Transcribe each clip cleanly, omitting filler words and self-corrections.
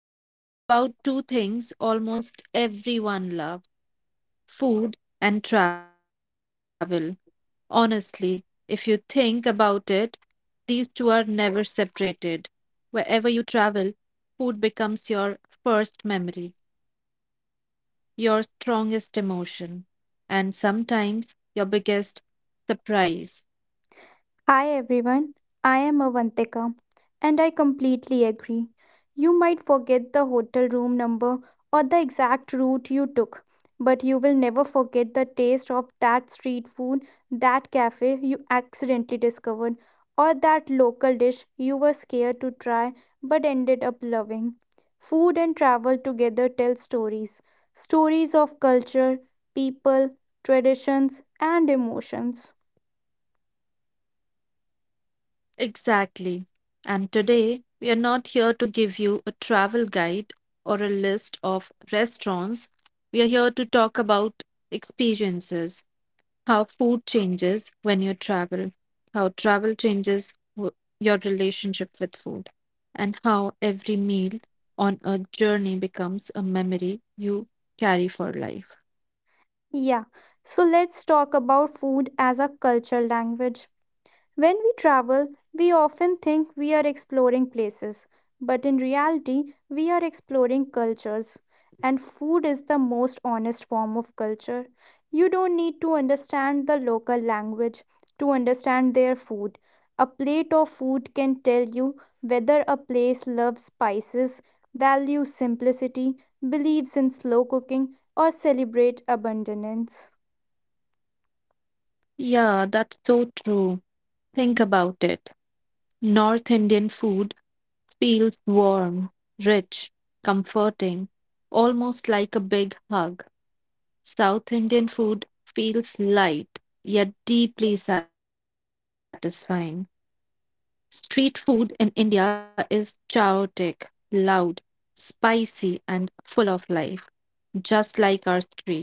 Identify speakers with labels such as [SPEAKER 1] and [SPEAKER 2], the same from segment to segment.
[SPEAKER 1] because we're talking about two things almost everyone loves food and travel. Honestly, if you think about it, these two are never separated. Wherever you travel, food becomes your first memory, your strongest emotion, and sometimes your biggest surprise.
[SPEAKER 2] Hi everyone, I am Avantika and I completely agree. You might forget the hotel room number or the exact route you took, but you will never forget the taste of that street food, that cafe you accidentally discovered, or that local dish you were scared to try but ended up loving. Food and travel together tell stories of culture, people, traditions, and emotions.
[SPEAKER 1] Exactly. And today, we are not here to give you a travel guide or a list of restaurants. We are here to talk about experiences, how food changes when you travel, how travel changes your relationship with food, and how every meal on a journey becomes a memory you carry for life.
[SPEAKER 2] Yeah, so let's talk about food as a cultural language. When we travel, we often think we are exploring places, but in reality, we are exploring cultures. And food is the most honest form of culture. You don't need to understand the local language to understand their food. A plate of food can tell you whether a place loves spices, values simplicity, believes in slow cooking, or celebrates abundance.
[SPEAKER 1] Yeah, that's so true. Think about it. North Indian food feels warm, rich, comforting, almost like a big hug. South Indian food feels light, yet deeply satisfying. Street food in India is chaotic, loud, spicy, and full of life, just like our streets.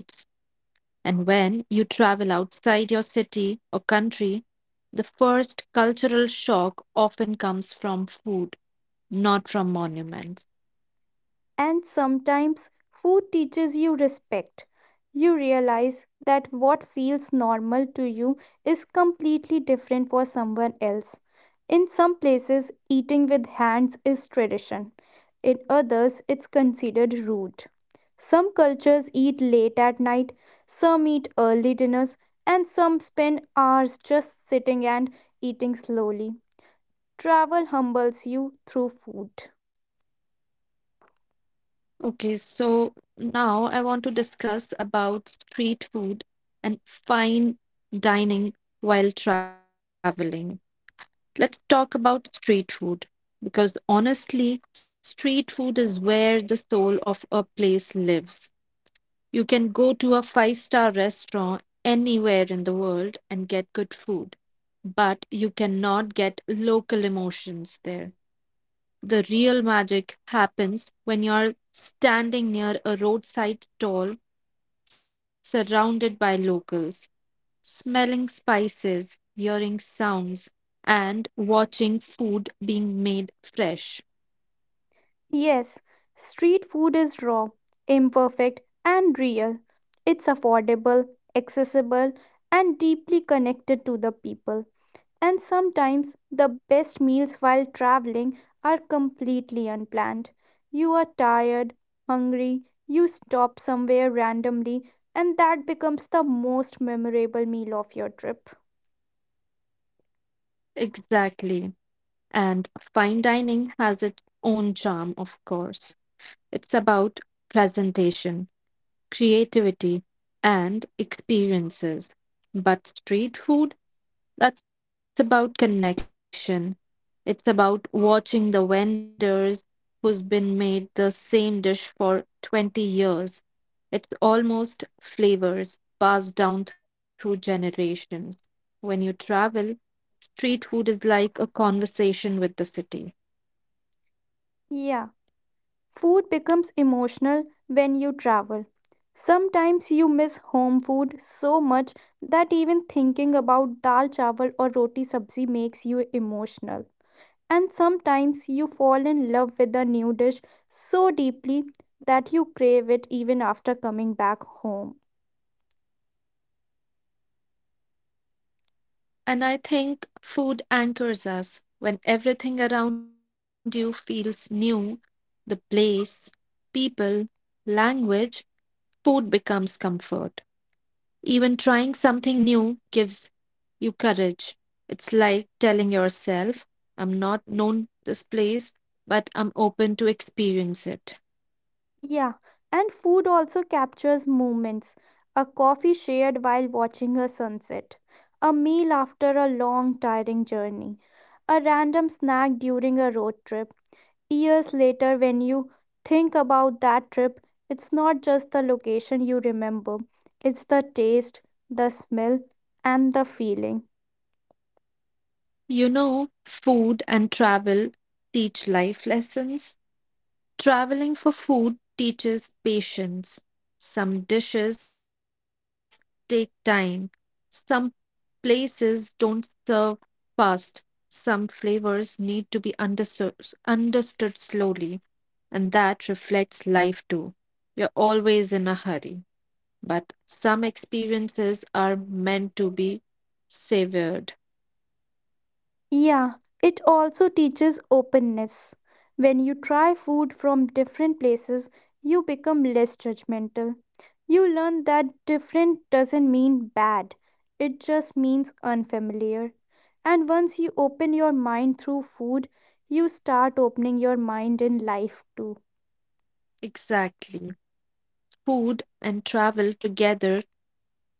[SPEAKER 1] And when you travel outside your city or country, the first cultural shock often comes from food, not from monuments.
[SPEAKER 2] And sometimes food teaches you respect. You realize that what feels normal to you is completely different for someone else. In some places, eating with hands is tradition, in others, it's considered rude. Some cultures eat late at night, some eat early dinners, and some spend hours just sitting and eating slowly. Travel humbles you through food.
[SPEAKER 1] Okay, so now I want to discuss about street food and fine dining while traveling. Let's talk about street food because honestly, street food is where the soul of a place lives. You can go to a five-star restaurant anywhere in the world and get good food, but you cannot get local emotions there. The real magic happens when you're standing near a roadside stall surrounded by locals, smelling spices, hearing sounds, and watching food being made fresh.
[SPEAKER 2] Yes, street food is raw, imperfect, and real. It's affordable, accessible, and deeply connected to the people. And sometimes the best meals while traveling are completely unplanned. You are tired, hungry, you stop somewhere randomly, and that becomes the most memorable meal of your trip.
[SPEAKER 1] Exactly. And fine dining has its own charm, of course. It's about presentation, creativity, and experiences. But street food, that's about connection. It's about watching the vendors who's been made the same dish for 20 years. It's almost flavors passed down through generations. When you travel, street food is like a conversation with the city.
[SPEAKER 2] Yeah. Food becomes emotional when you travel. Sometimes you miss home food so much that even thinking about dal chawal or roti sabzi makes you emotional. And sometimes you fall in love with a new dish so deeply that you crave it even after coming back home.
[SPEAKER 1] And I think food anchors us. When everything around you feels new, the place, people, language, food becomes comfort. Even trying something new gives you courage. It's like telling yourself, I'm not known this place, but I'm open to experience it.
[SPEAKER 2] Yeah, and food also captures moments. A coffee shared while watching a sunset, a meal after a long, tiring journey, a random snack during a road trip. Years later, when you think about that trip, it's not just the location you remember, it's the taste, the smell, and the feeling.
[SPEAKER 1] You know, food and travel teach life lessons. Traveling for food teaches patience. Some dishes take time. Some places don't serve fast. Some flavors need to be understood slowly, and that reflects life too. We're always in a hurry, but some experiences are meant to be savored.
[SPEAKER 2] Yeah, it also teaches openness. When you try food from different places, you become less judgmental. You learn that different doesn't mean bad, it just means unfamiliar. And once you open your mind through food, you start opening your mind in life too.
[SPEAKER 1] Exactly. Food and travel together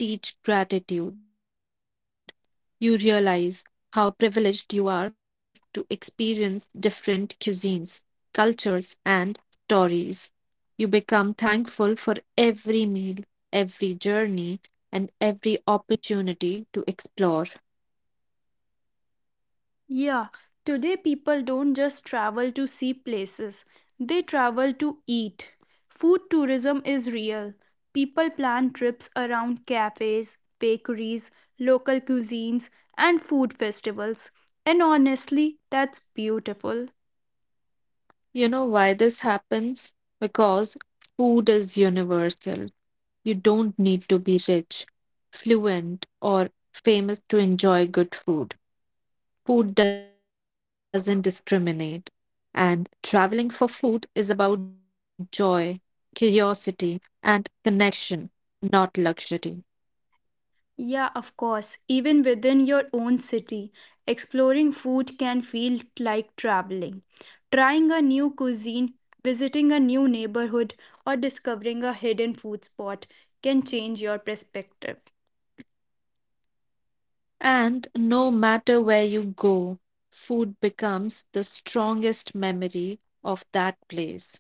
[SPEAKER 1] teach gratitude. You realize how privileged you are to experience different cuisines, cultures, and stories. You become thankful for every meal, every journey, and every opportunity to explore.
[SPEAKER 2] Yeah, today people don't just travel to see places, they travel to eat. Food tourism is real. People plan trips around cafes, bakeries, local cuisines, and food festivals. And honestly, that's beautiful.
[SPEAKER 1] You know why this happens? Because food is universal. You don't need to be rich, fluent, or famous to enjoy good food. Food doesn't discriminate. And traveling for food is about joy, curiosity, and connection, not luxury.
[SPEAKER 2] Yeah, of course. Even within your own city, exploring food can feel like traveling. Trying a new cuisine, visiting a new neighborhood, or discovering a hidden food spot can change your perspective.
[SPEAKER 1] And no matter where you go, food becomes the strongest memory of that place.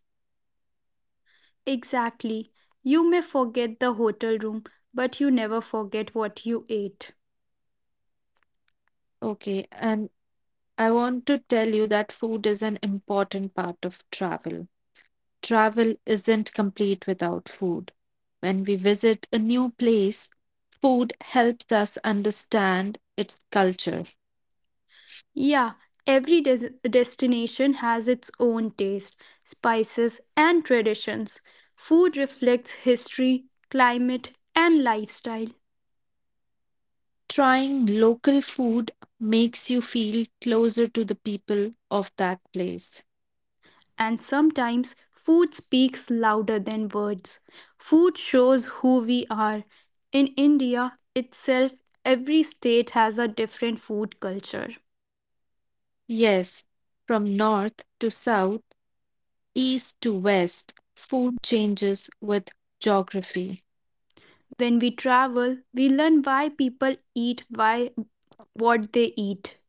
[SPEAKER 2] Exactly. You may forget the hotel room, but you never forget what you ate.
[SPEAKER 1] Okay, and I want to tell you that food is an important part of travel. Travel isn't complete without food. When we visit a new place, food helps us understand its culture.
[SPEAKER 2] Yeah, every destination has its own taste, spices, and traditions. Food reflects history, climate, and lifestyle.
[SPEAKER 1] Trying local food makes you feel closer to the people of that place.
[SPEAKER 2] And sometimes food speaks louder than words. Food shows who we are. In India itself, every state has a different food culture.
[SPEAKER 1] Yes, from north to south, east to west, food changes with geography.
[SPEAKER 2] When we travel, we learn why people eat why what they eat.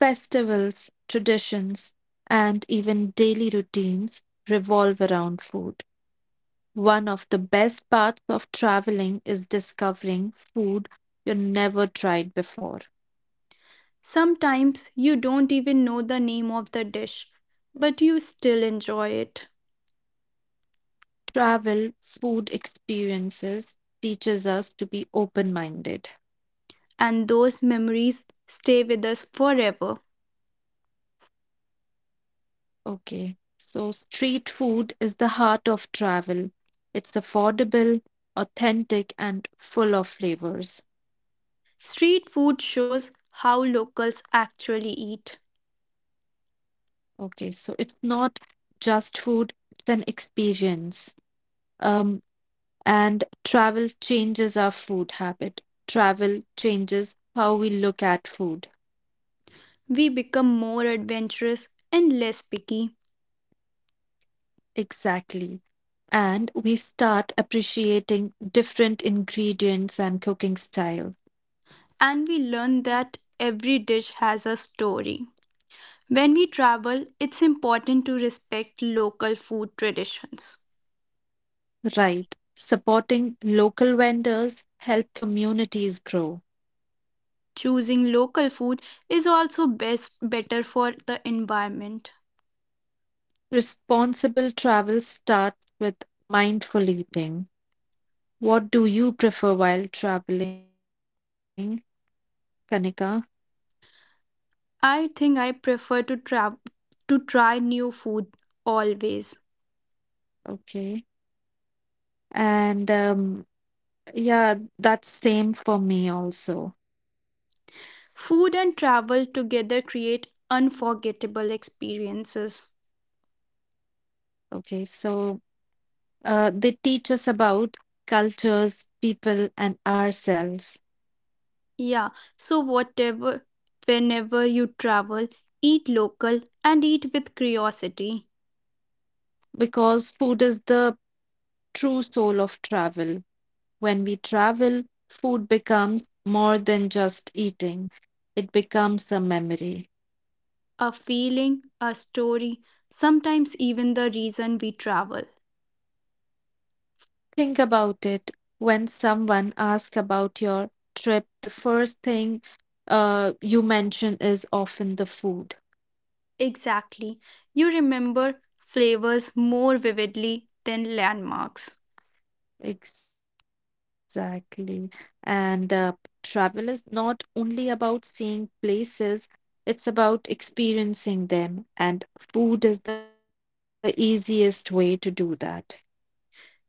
[SPEAKER 1] Festivals, traditions, and even daily routines revolve around food. One of the best parts of traveling is discovering food you never tried before.
[SPEAKER 2] Sometimes you don't even know the name of the dish, but you still enjoy it.
[SPEAKER 1] Travel food experiences teaches us to be open-minded.
[SPEAKER 2] And those memories stay with us forever.
[SPEAKER 1] Okay. So street food is the heart of travel. It's affordable, authentic and full of flavors.
[SPEAKER 2] Street food shows how locals actually eat.
[SPEAKER 1] Okay. So it's not just food, it's an experience. Um And travel changes our food habit. Travel changes how we look at food.
[SPEAKER 2] We become more adventurous and less picky,
[SPEAKER 1] Exactly. And we start appreciating different ingredients and cooking style.
[SPEAKER 2] and we learn that every dish has a story. When we travel, it's important to respect local food traditions.
[SPEAKER 1] Right. Supporting local vendors help communities grow.
[SPEAKER 2] Choosing local food is also best better for the environment.
[SPEAKER 1] Responsible travel starts with mindful eating. What do you prefer while traveling, Kanika?
[SPEAKER 2] I think I prefer to travel to try new food always.
[SPEAKER 1] Okay. And yeah, that's same for me also.
[SPEAKER 2] Food and travel together create unforgettable experiences.
[SPEAKER 1] Okay, so they teach us about cultures, people, and ourselves
[SPEAKER 2] Yeah, so whatever whenever you travel, eat local and eat with curiosity,
[SPEAKER 1] because food is the true soul of travel. When we travel, food becomes more than just eating, it becomes a memory.
[SPEAKER 2] a feeling, a story, sometimes even the reason we travel.
[SPEAKER 1] Think about it. When someone asks about your trip, the first thing you mention is often the food.
[SPEAKER 2] Exactly. You remember flavors more vividly than landmarks.
[SPEAKER 1] Exactly. And travel is not only about seeing places, it's about experiencing them. And food is the easiest way to do that.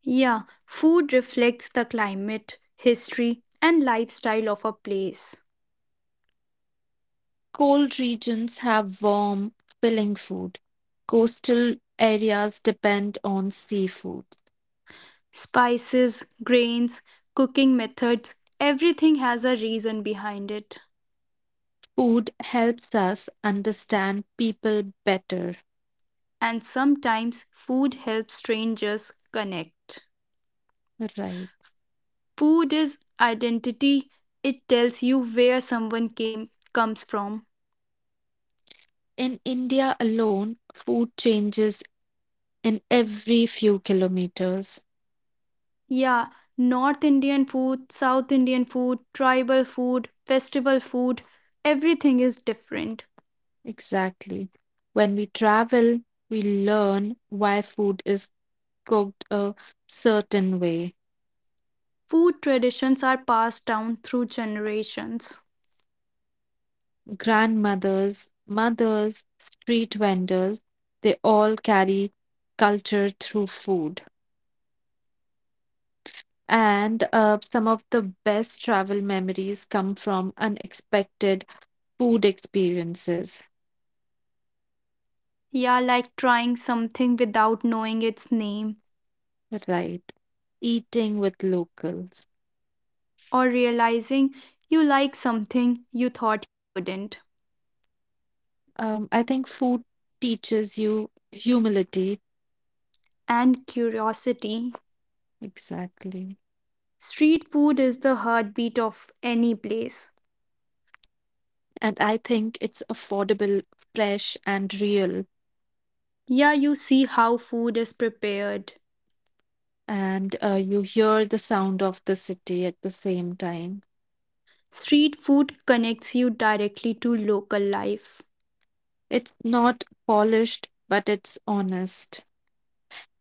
[SPEAKER 2] Yeah, food reflects the climate, history, and lifestyle of a place.
[SPEAKER 1] Cold regions have warm, filling food. Coastal areas depend on seafood.
[SPEAKER 2] Spices, grains, cooking methods, everything has a reason behind it.
[SPEAKER 1] Food helps us understand people better.
[SPEAKER 2] And sometimes food helps strangers connect.
[SPEAKER 1] Right.
[SPEAKER 2] Food is identity, it tells you where someone came comes from.
[SPEAKER 1] In India alone, food changes in every few kilometers.
[SPEAKER 2] Yeah, North Indian food, South Indian food, tribal food, festival food, everything is different.
[SPEAKER 1] Exactly. When we travel, we learn why food is cooked a certain way.
[SPEAKER 2] Food traditions are passed down through generations.
[SPEAKER 1] Grandmothers, mothers, street vendors, they all carry culture through food. And some of the best travel memories come from unexpected food experiences,
[SPEAKER 2] Yeah, like trying something without knowing its name
[SPEAKER 1] right? Eating with locals.
[SPEAKER 2] or realizing you like something you thought you wouldn't.
[SPEAKER 1] I think food teaches you humility.
[SPEAKER 2] And curiosity.
[SPEAKER 1] Exactly.
[SPEAKER 2] Street food is the heartbeat of any place.
[SPEAKER 1] And I think it's affordable, fresh, and real.
[SPEAKER 2] Yeah, you see how food is prepared.
[SPEAKER 1] And you hear the sound of the city at the same time.
[SPEAKER 2] Street food connects you directly to local life.
[SPEAKER 1] It's not polished, but it's honest.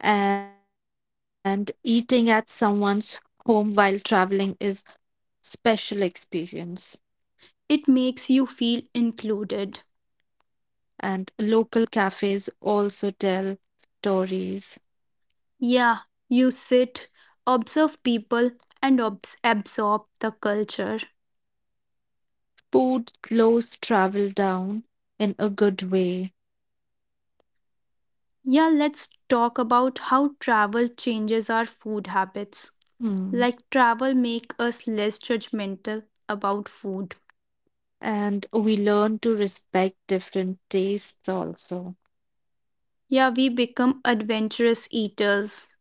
[SPEAKER 1] And eating at someone's home while traveling is special experience.
[SPEAKER 2] It makes you feel included.
[SPEAKER 1] And local cafes also tell stories.
[SPEAKER 2] Yeah, you sit, observe people, and absorb the culture.
[SPEAKER 1] Food slows travel down in a good way.
[SPEAKER 2] Yeah, let's talk about how travel changes our food habits.
[SPEAKER 1] Hmm.
[SPEAKER 2] Like travel make us less judgmental about food.
[SPEAKER 1] And we learn to respect different tastes also,
[SPEAKER 2] Yeah, we become adventurous eaters.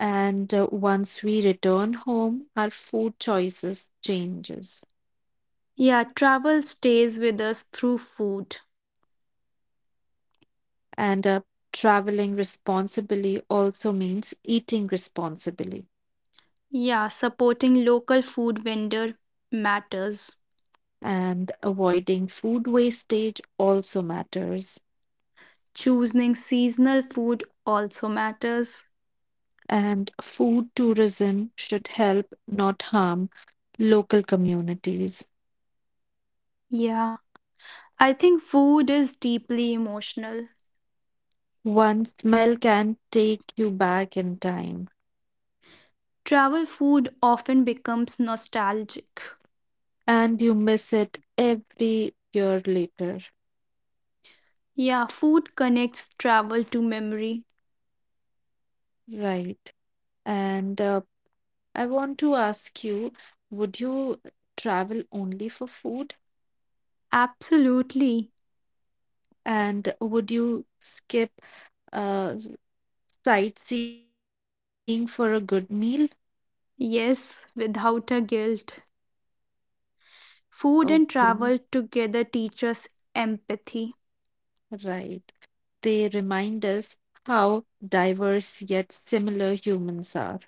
[SPEAKER 1] and once we return home our food choices changes,
[SPEAKER 2] Yeah, travel stays with us through food.
[SPEAKER 1] and traveling responsibly also means eating responsibly,
[SPEAKER 2] Yeah, supporting local food vendor matters.
[SPEAKER 1] and avoiding food wastage also matters,
[SPEAKER 2] Choosing seasonal food also matters.
[SPEAKER 1] and food tourism should help not harm local communities.
[SPEAKER 2] Yeah. I think food is deeply emotional.
[SPEAKER 1] One smell can take you back in time,
[SPEAKER 2] Travel food often becomes nostalgic.
[SPEAKER 1] and you miss it every year later.
[SPEAKER 2] Yeah, food connects travel to memory.
[SPEAKER 1] Right. And I want to ask you, would you travel only for food,
[SPEAKER 2] Absolutely.
[SPEAKER 1] and would you skip uh, sightseeing for a good meal?
[SPEAKER 2] Yes, without a guilt. Food and
[SPEAKER 1] Okay.
[SPEAKER 2] travel together teach us empathy.
[SPEAKER 1] Right, they remind us how diverse yet similar humans are.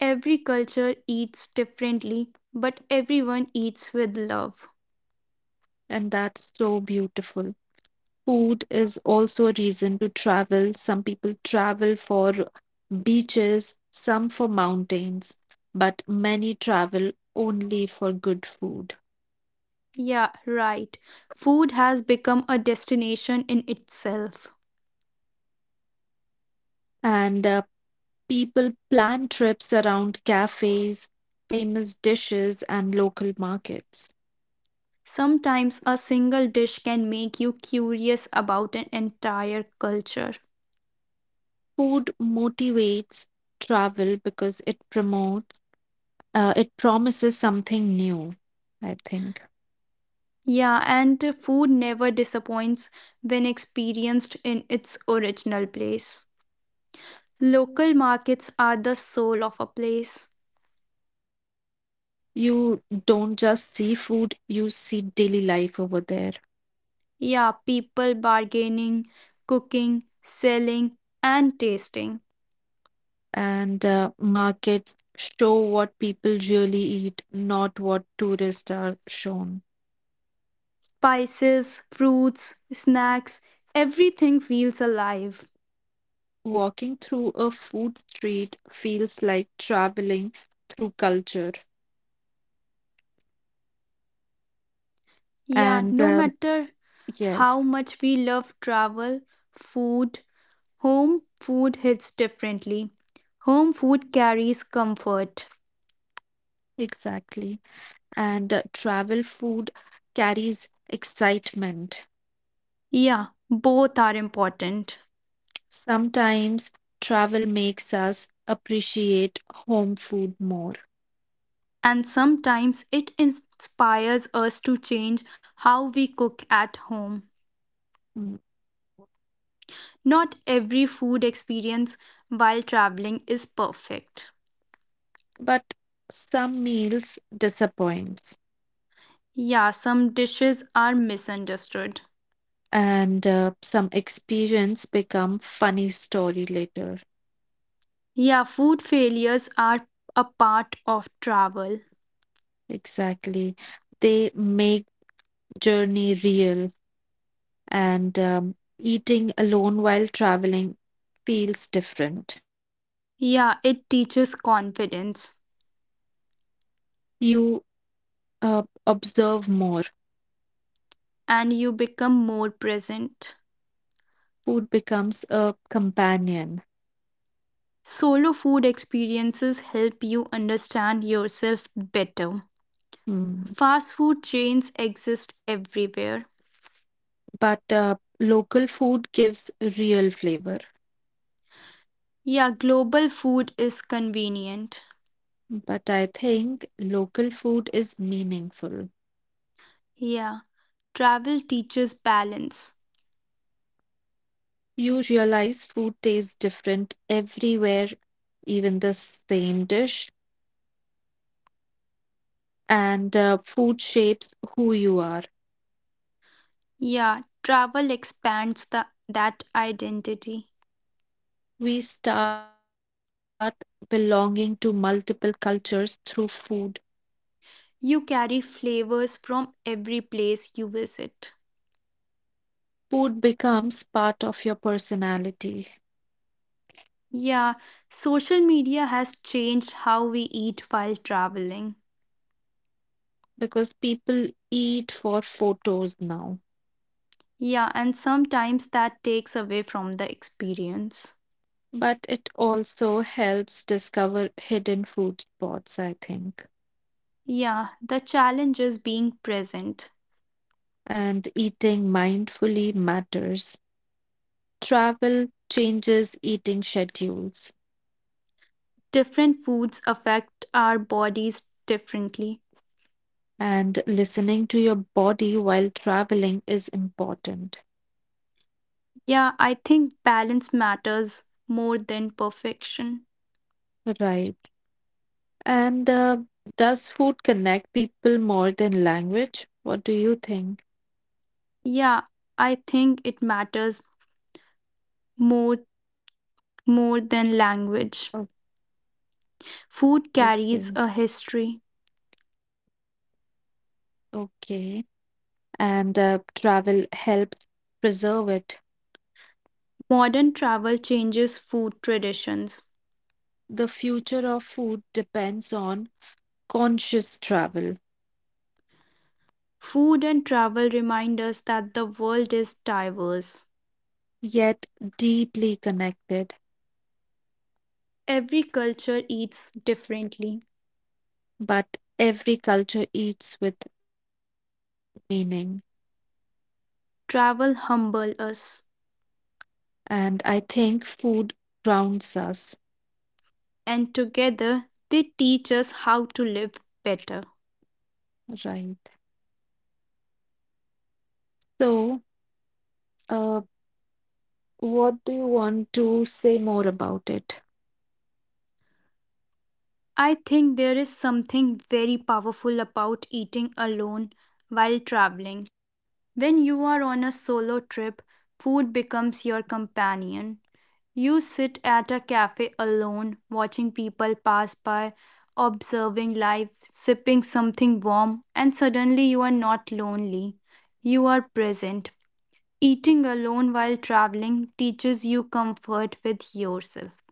[SPEAKER 2] Every culture eats differently, but everyone eats with love.
[SPEAKER 1] And that's so beautiful. Food is also a reason to travel. Some people travel for beaches, some for mountains, but many travel only for good food.
[SPEAKER 2] Yeah, right. Food has become a destination in itself.
[SPEAKER 1] And people plan trips around cafes, famous dishes, and local markets.
[SPEAKER 2] Sometimes a single dish can make you curious about an entire culture.
[SPEAKER 1] Food motivates travel because it promises something new, I think.
[SPEAKER 2] Yeah, and food never disappoints when experienced in its original place. Local markets are the soul of a place.
[SPEAKER 1] You don't just see food, you see daily life over there.
[SPEAKER 2] Yeah, people bargaining, cooking, selling, and tasting.
[SPEAKER 1] And markets show what people really eat, not what tourists are shown.
[SPEAKER 2] Spices, fruits, snacks, everything feels alive.
[SPEAKER 1] Walking through a food street feels like traveling through culture.
[SPEAKER 2] Yeah,
[SPEAKER 1] And
[SPEAKER 2] no matter how
[SPEAKER 1] Yes,
[SPEAKER 2] much we love travel, food, home food hits differently. Home food carries comfort.
[SPEAKER 1] exactly. And travel food carries excitement.
[SPEAKER 2] Yeah, both are important.
[SPEAKER 1] Sometimes travel makes us appreciate home food more.
[SPEAKER 2] And sometimes it inspires us to change how we cook at home.
[SPEAKER 1] Mm.
[SPEAKER 2] Not every food experience while traveling is perfect.
[SPEAKER 1] But some meals disappoint.
[SPEAKER 2] Yeah, some dishes are misunderstood.
[SPEAKER 1] And some experience become funny story later.
[SPEAKER 2] Yeah, food failures are a part of travel.
[SPEAKER 1] Exactly, they make journey real. And Eating alone while traveling feels different.
[SPEAKER 2] Yeah, it teaches confidence
[SPEAKER 1] You uh, observe more.
[SPEAKER 2] and you become more present.
[SPEAKER 1] Food becomes a companion.
[SPEAKER 2] Solo food experiences help you understand yourself better.
[SPEAKER 1] Hmm.
[SPEAKER 2] Fast food chains exist everywhere.
[SPEAKER 1] But local food gives real flavor.
[SPEAKER 2] Yeah, global food is convenient.
[SPEAKER 1] But I think local food is meaningful.
[SPEAKER 2] Yeah, travel teaches balance.
[SPEAKER 1] You realize food tastes different everywhere, even the same dish, and food shapes who you are.
[SPEAKER 2] Yeah, travel expands that identity.
[SPEAKER 1] We start belonging to multiple cultures through food.
[SPEAKER 2] You carry flavors from every place you visit.
[SPEAKER 1] Food becomes part of your personality
[SPEAKER 2] Yeah, social media has changed how we eat while traveling.
[SPEAKER 1] because people eat for photos now,
[SPEAKER 2] Yeah, and sometimes that takes away from the experience.
[SPEAKER 1] but it also helps discover hidden food spots, I think.
[SPEAKER 2] Yeah, the challenge is being present.
[SPEAKER 1] And eating mindfully matters. Travel changes eating schedules,
[SPEAKER 2] Different foods affect our bodies differently.
[SPEAKER 1] and listening to your body while traveling is important.
[SPEAKER 2] Yeah, I think balance matters more than perfection.
[SPEAKER 1] Right. And does food connect people more than language? What do you think?
[SPEAKER 2] Yeah, I think it matters more more
[SPEAKER 1] Oh,
[SPEAKER 2] than language. Food
[SPEAKER 1] okay.
[SPEAKER 2] carries a history.
[SPEAKER 1] Okay. And travel helps preserve it.
[SPEAKER 2] Modern travel changes food traditions.
[SPEAKER 1] The future of food depends on conscious travel,
[SPEAKER 2] Food and travel remind us that the world is diverse.
[SPEAKER 1] yet deeply connected.
[SPEAKER 2] Every culture eats differently.
[SPEAKER 1] But every culture eats with meaning.
[SPEAKER 2] Travel humble us,
[SPEAKER 1] And I think food grounds us,
[SPEAKER 2] and together they teach us how to live better.
[SPEAKER 1] right? So, uh, what do you want to say more about it?
[SPEAKER 2] I think there is something very powerful about eating alone while traveling. When you are on a solo trip, food becomes your companion. You sit at a cafe alone, watching people pass by, observing life, sipping something warm, and suddenly you are not lonely. You are present. Eating alone while traveling teaches you comfort with yourself.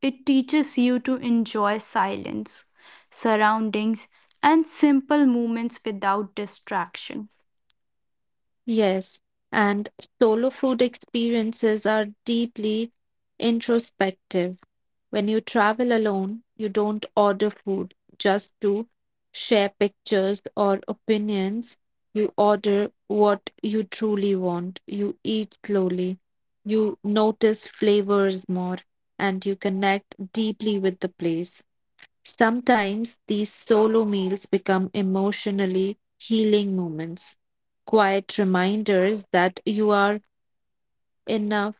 [SPEAKER 2] It teaches you to enjoy silence, surroundings, and simple moments without distraction.
[SPEAKER 1] Yes, and solo food experiences are deeply introspective. When you travel alone, you don't order food just to share pictures or opinions. You order what you truly want. You eat slowly. You notice flavors more and you connect deeply with the place. Sometimes these solo meals become emotionally healing moments, quiet reminders that you are enough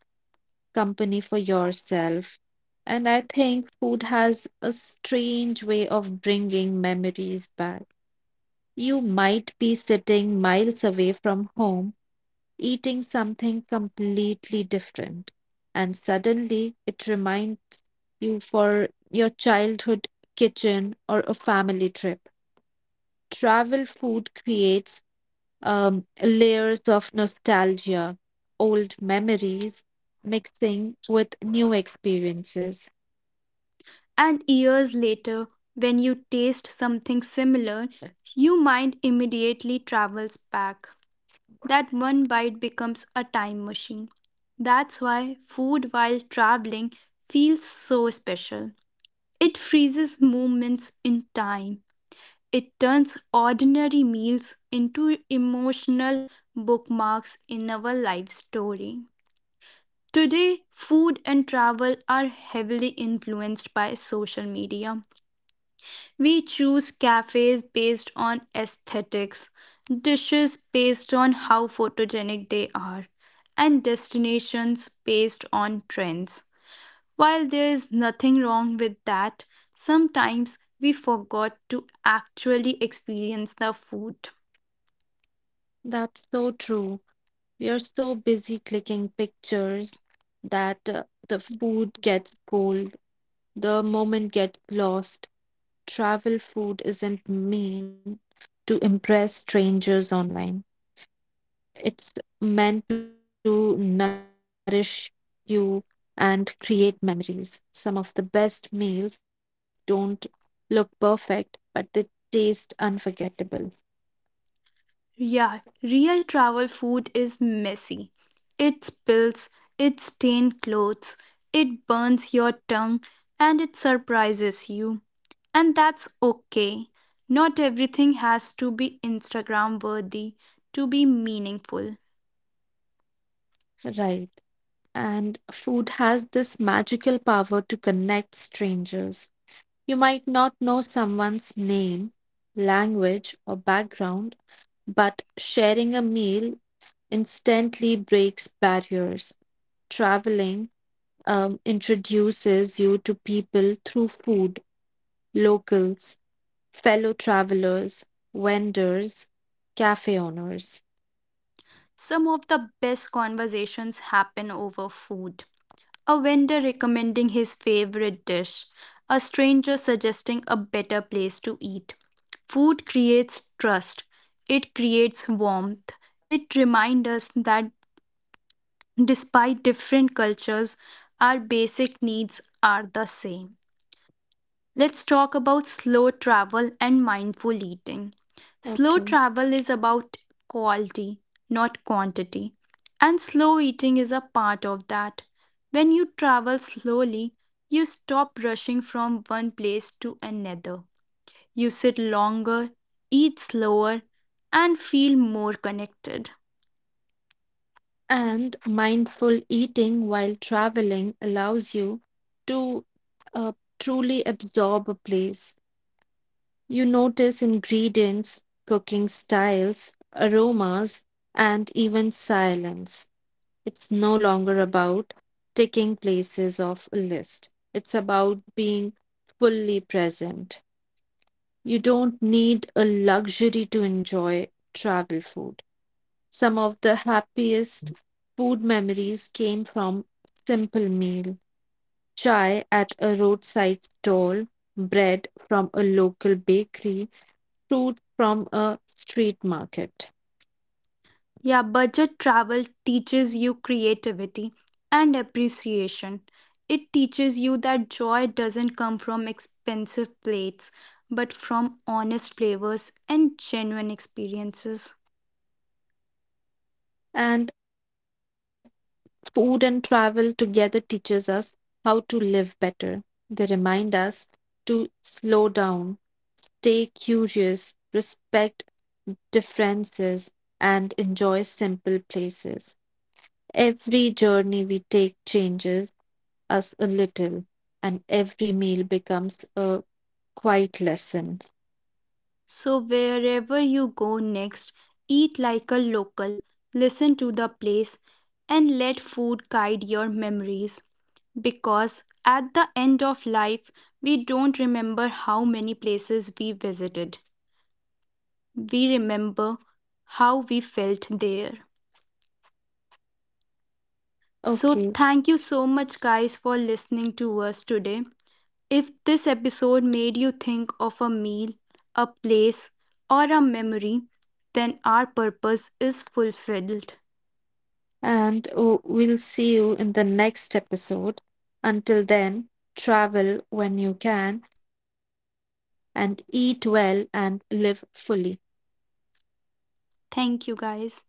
[SPEAKER 1] company for yourself. And I think food has a strange way of bringing memories back. You might be sitting miles away from home, eating something completely different, and suddenly it reminds you for your childhood kitchen or a family trip. Travel food creates layers of nostalgia, old memories mixing with new experiences.
[SPEAKER 2] And years later, when you taste something similar, your mind immediately travels back. That one bite becomes a time machine. That's why food while traveling feels so special. It freezes moments in time. It turns ordinary meals into emotional bookmarks in our life story. Today, food and travel are heavily influenced by social media. We choose cafes based on aesthetics, dishes based on how photogenic they are, and destinations based on trends. While there is nothing wrong with that, sometimes we forgot to actually experience the food.
[SPEAKER 1] That's so true. We are so busy clicking pictures that the food gets cold, the moment gets lost. Travel food isn't mean to impress strangers online. It's meant to nourish you and create memories. Some of the best meals don't look perfect, but they taste unforgettable.
[SPEAKER 2] Yeah, real travel food is messy. It spills, it stains clothes, it burns your tongue, and it surprises you. And that's okay. Not everything has to be Instagram worthy to be meaningful.
[SPEAKER 1] Right. And food has this magical power to connect strangers. You might not know someone's name, language, or background, but sharing a meal instantly breaks barriers. Traveling introduces you to people through food, locals, fellow travelers, vendors, cafe owners.
[SPEAKER 2] Some of the best conversations happen over food. A vendor recommending his favorite dish, a stranger suggesting a better place to eat. Food creates trust, it creates warmth, it reminds us that despite different cultures, our basic needs are the same. Let's talk about slow travel and mindful eating. Slow
[SPEAKER 1] Okay.
[SPEAKER 2] travel is about quality, not quantity, and slow eating is a part of that. When you travel slowly, you stop rushing from one place to another. You sit longer, eat slower, and feel more connected.
[SPEAKER 1] And mindful eating while traveling allows you to uh, truly absorb a place. You notice ingredients, cooking styles, aromas, and even silence. It's no longer about taking places off a list, it's about being fully present. You don't need a luxury to enjoy travel food. Some of the happiest food memories came from simple meal, chai at a roadside stall, bread from a local bakery, fruit from a street market.
[SPEAKER 2] Yeah, budget travel teaches you creativity and appreciation. It teaches you that joy doesn't come from expensive plates, but from honest flavors and genuine experiences.
[SPEAKER 1] And food and travel together teaches us how to live better. They remind us to slow down, stay curious, respect differences, and enjoy simple places. Every journey we take changes us a little, and every meal becomes a quiet lesson.
[SPEAKER 2] So, wherever you go next, eat like a local, listen to the place, and let food guide your memories. Because at the end of life, we don't remember how many places we visited. We remember how we felt there. So,
[SPEAKER 1] Okay,
[SPEAKER 2] thank you so much, guys, for listening to us today. If this episode made you think of a meal, a place, or a memory, then our purpose is fulfilled.
[SPEAKER 1] and oh, we'll see you in the next episode. Until then, travel when you can and eat well and live fully.
[SPEAKER 2] Thank you, guys.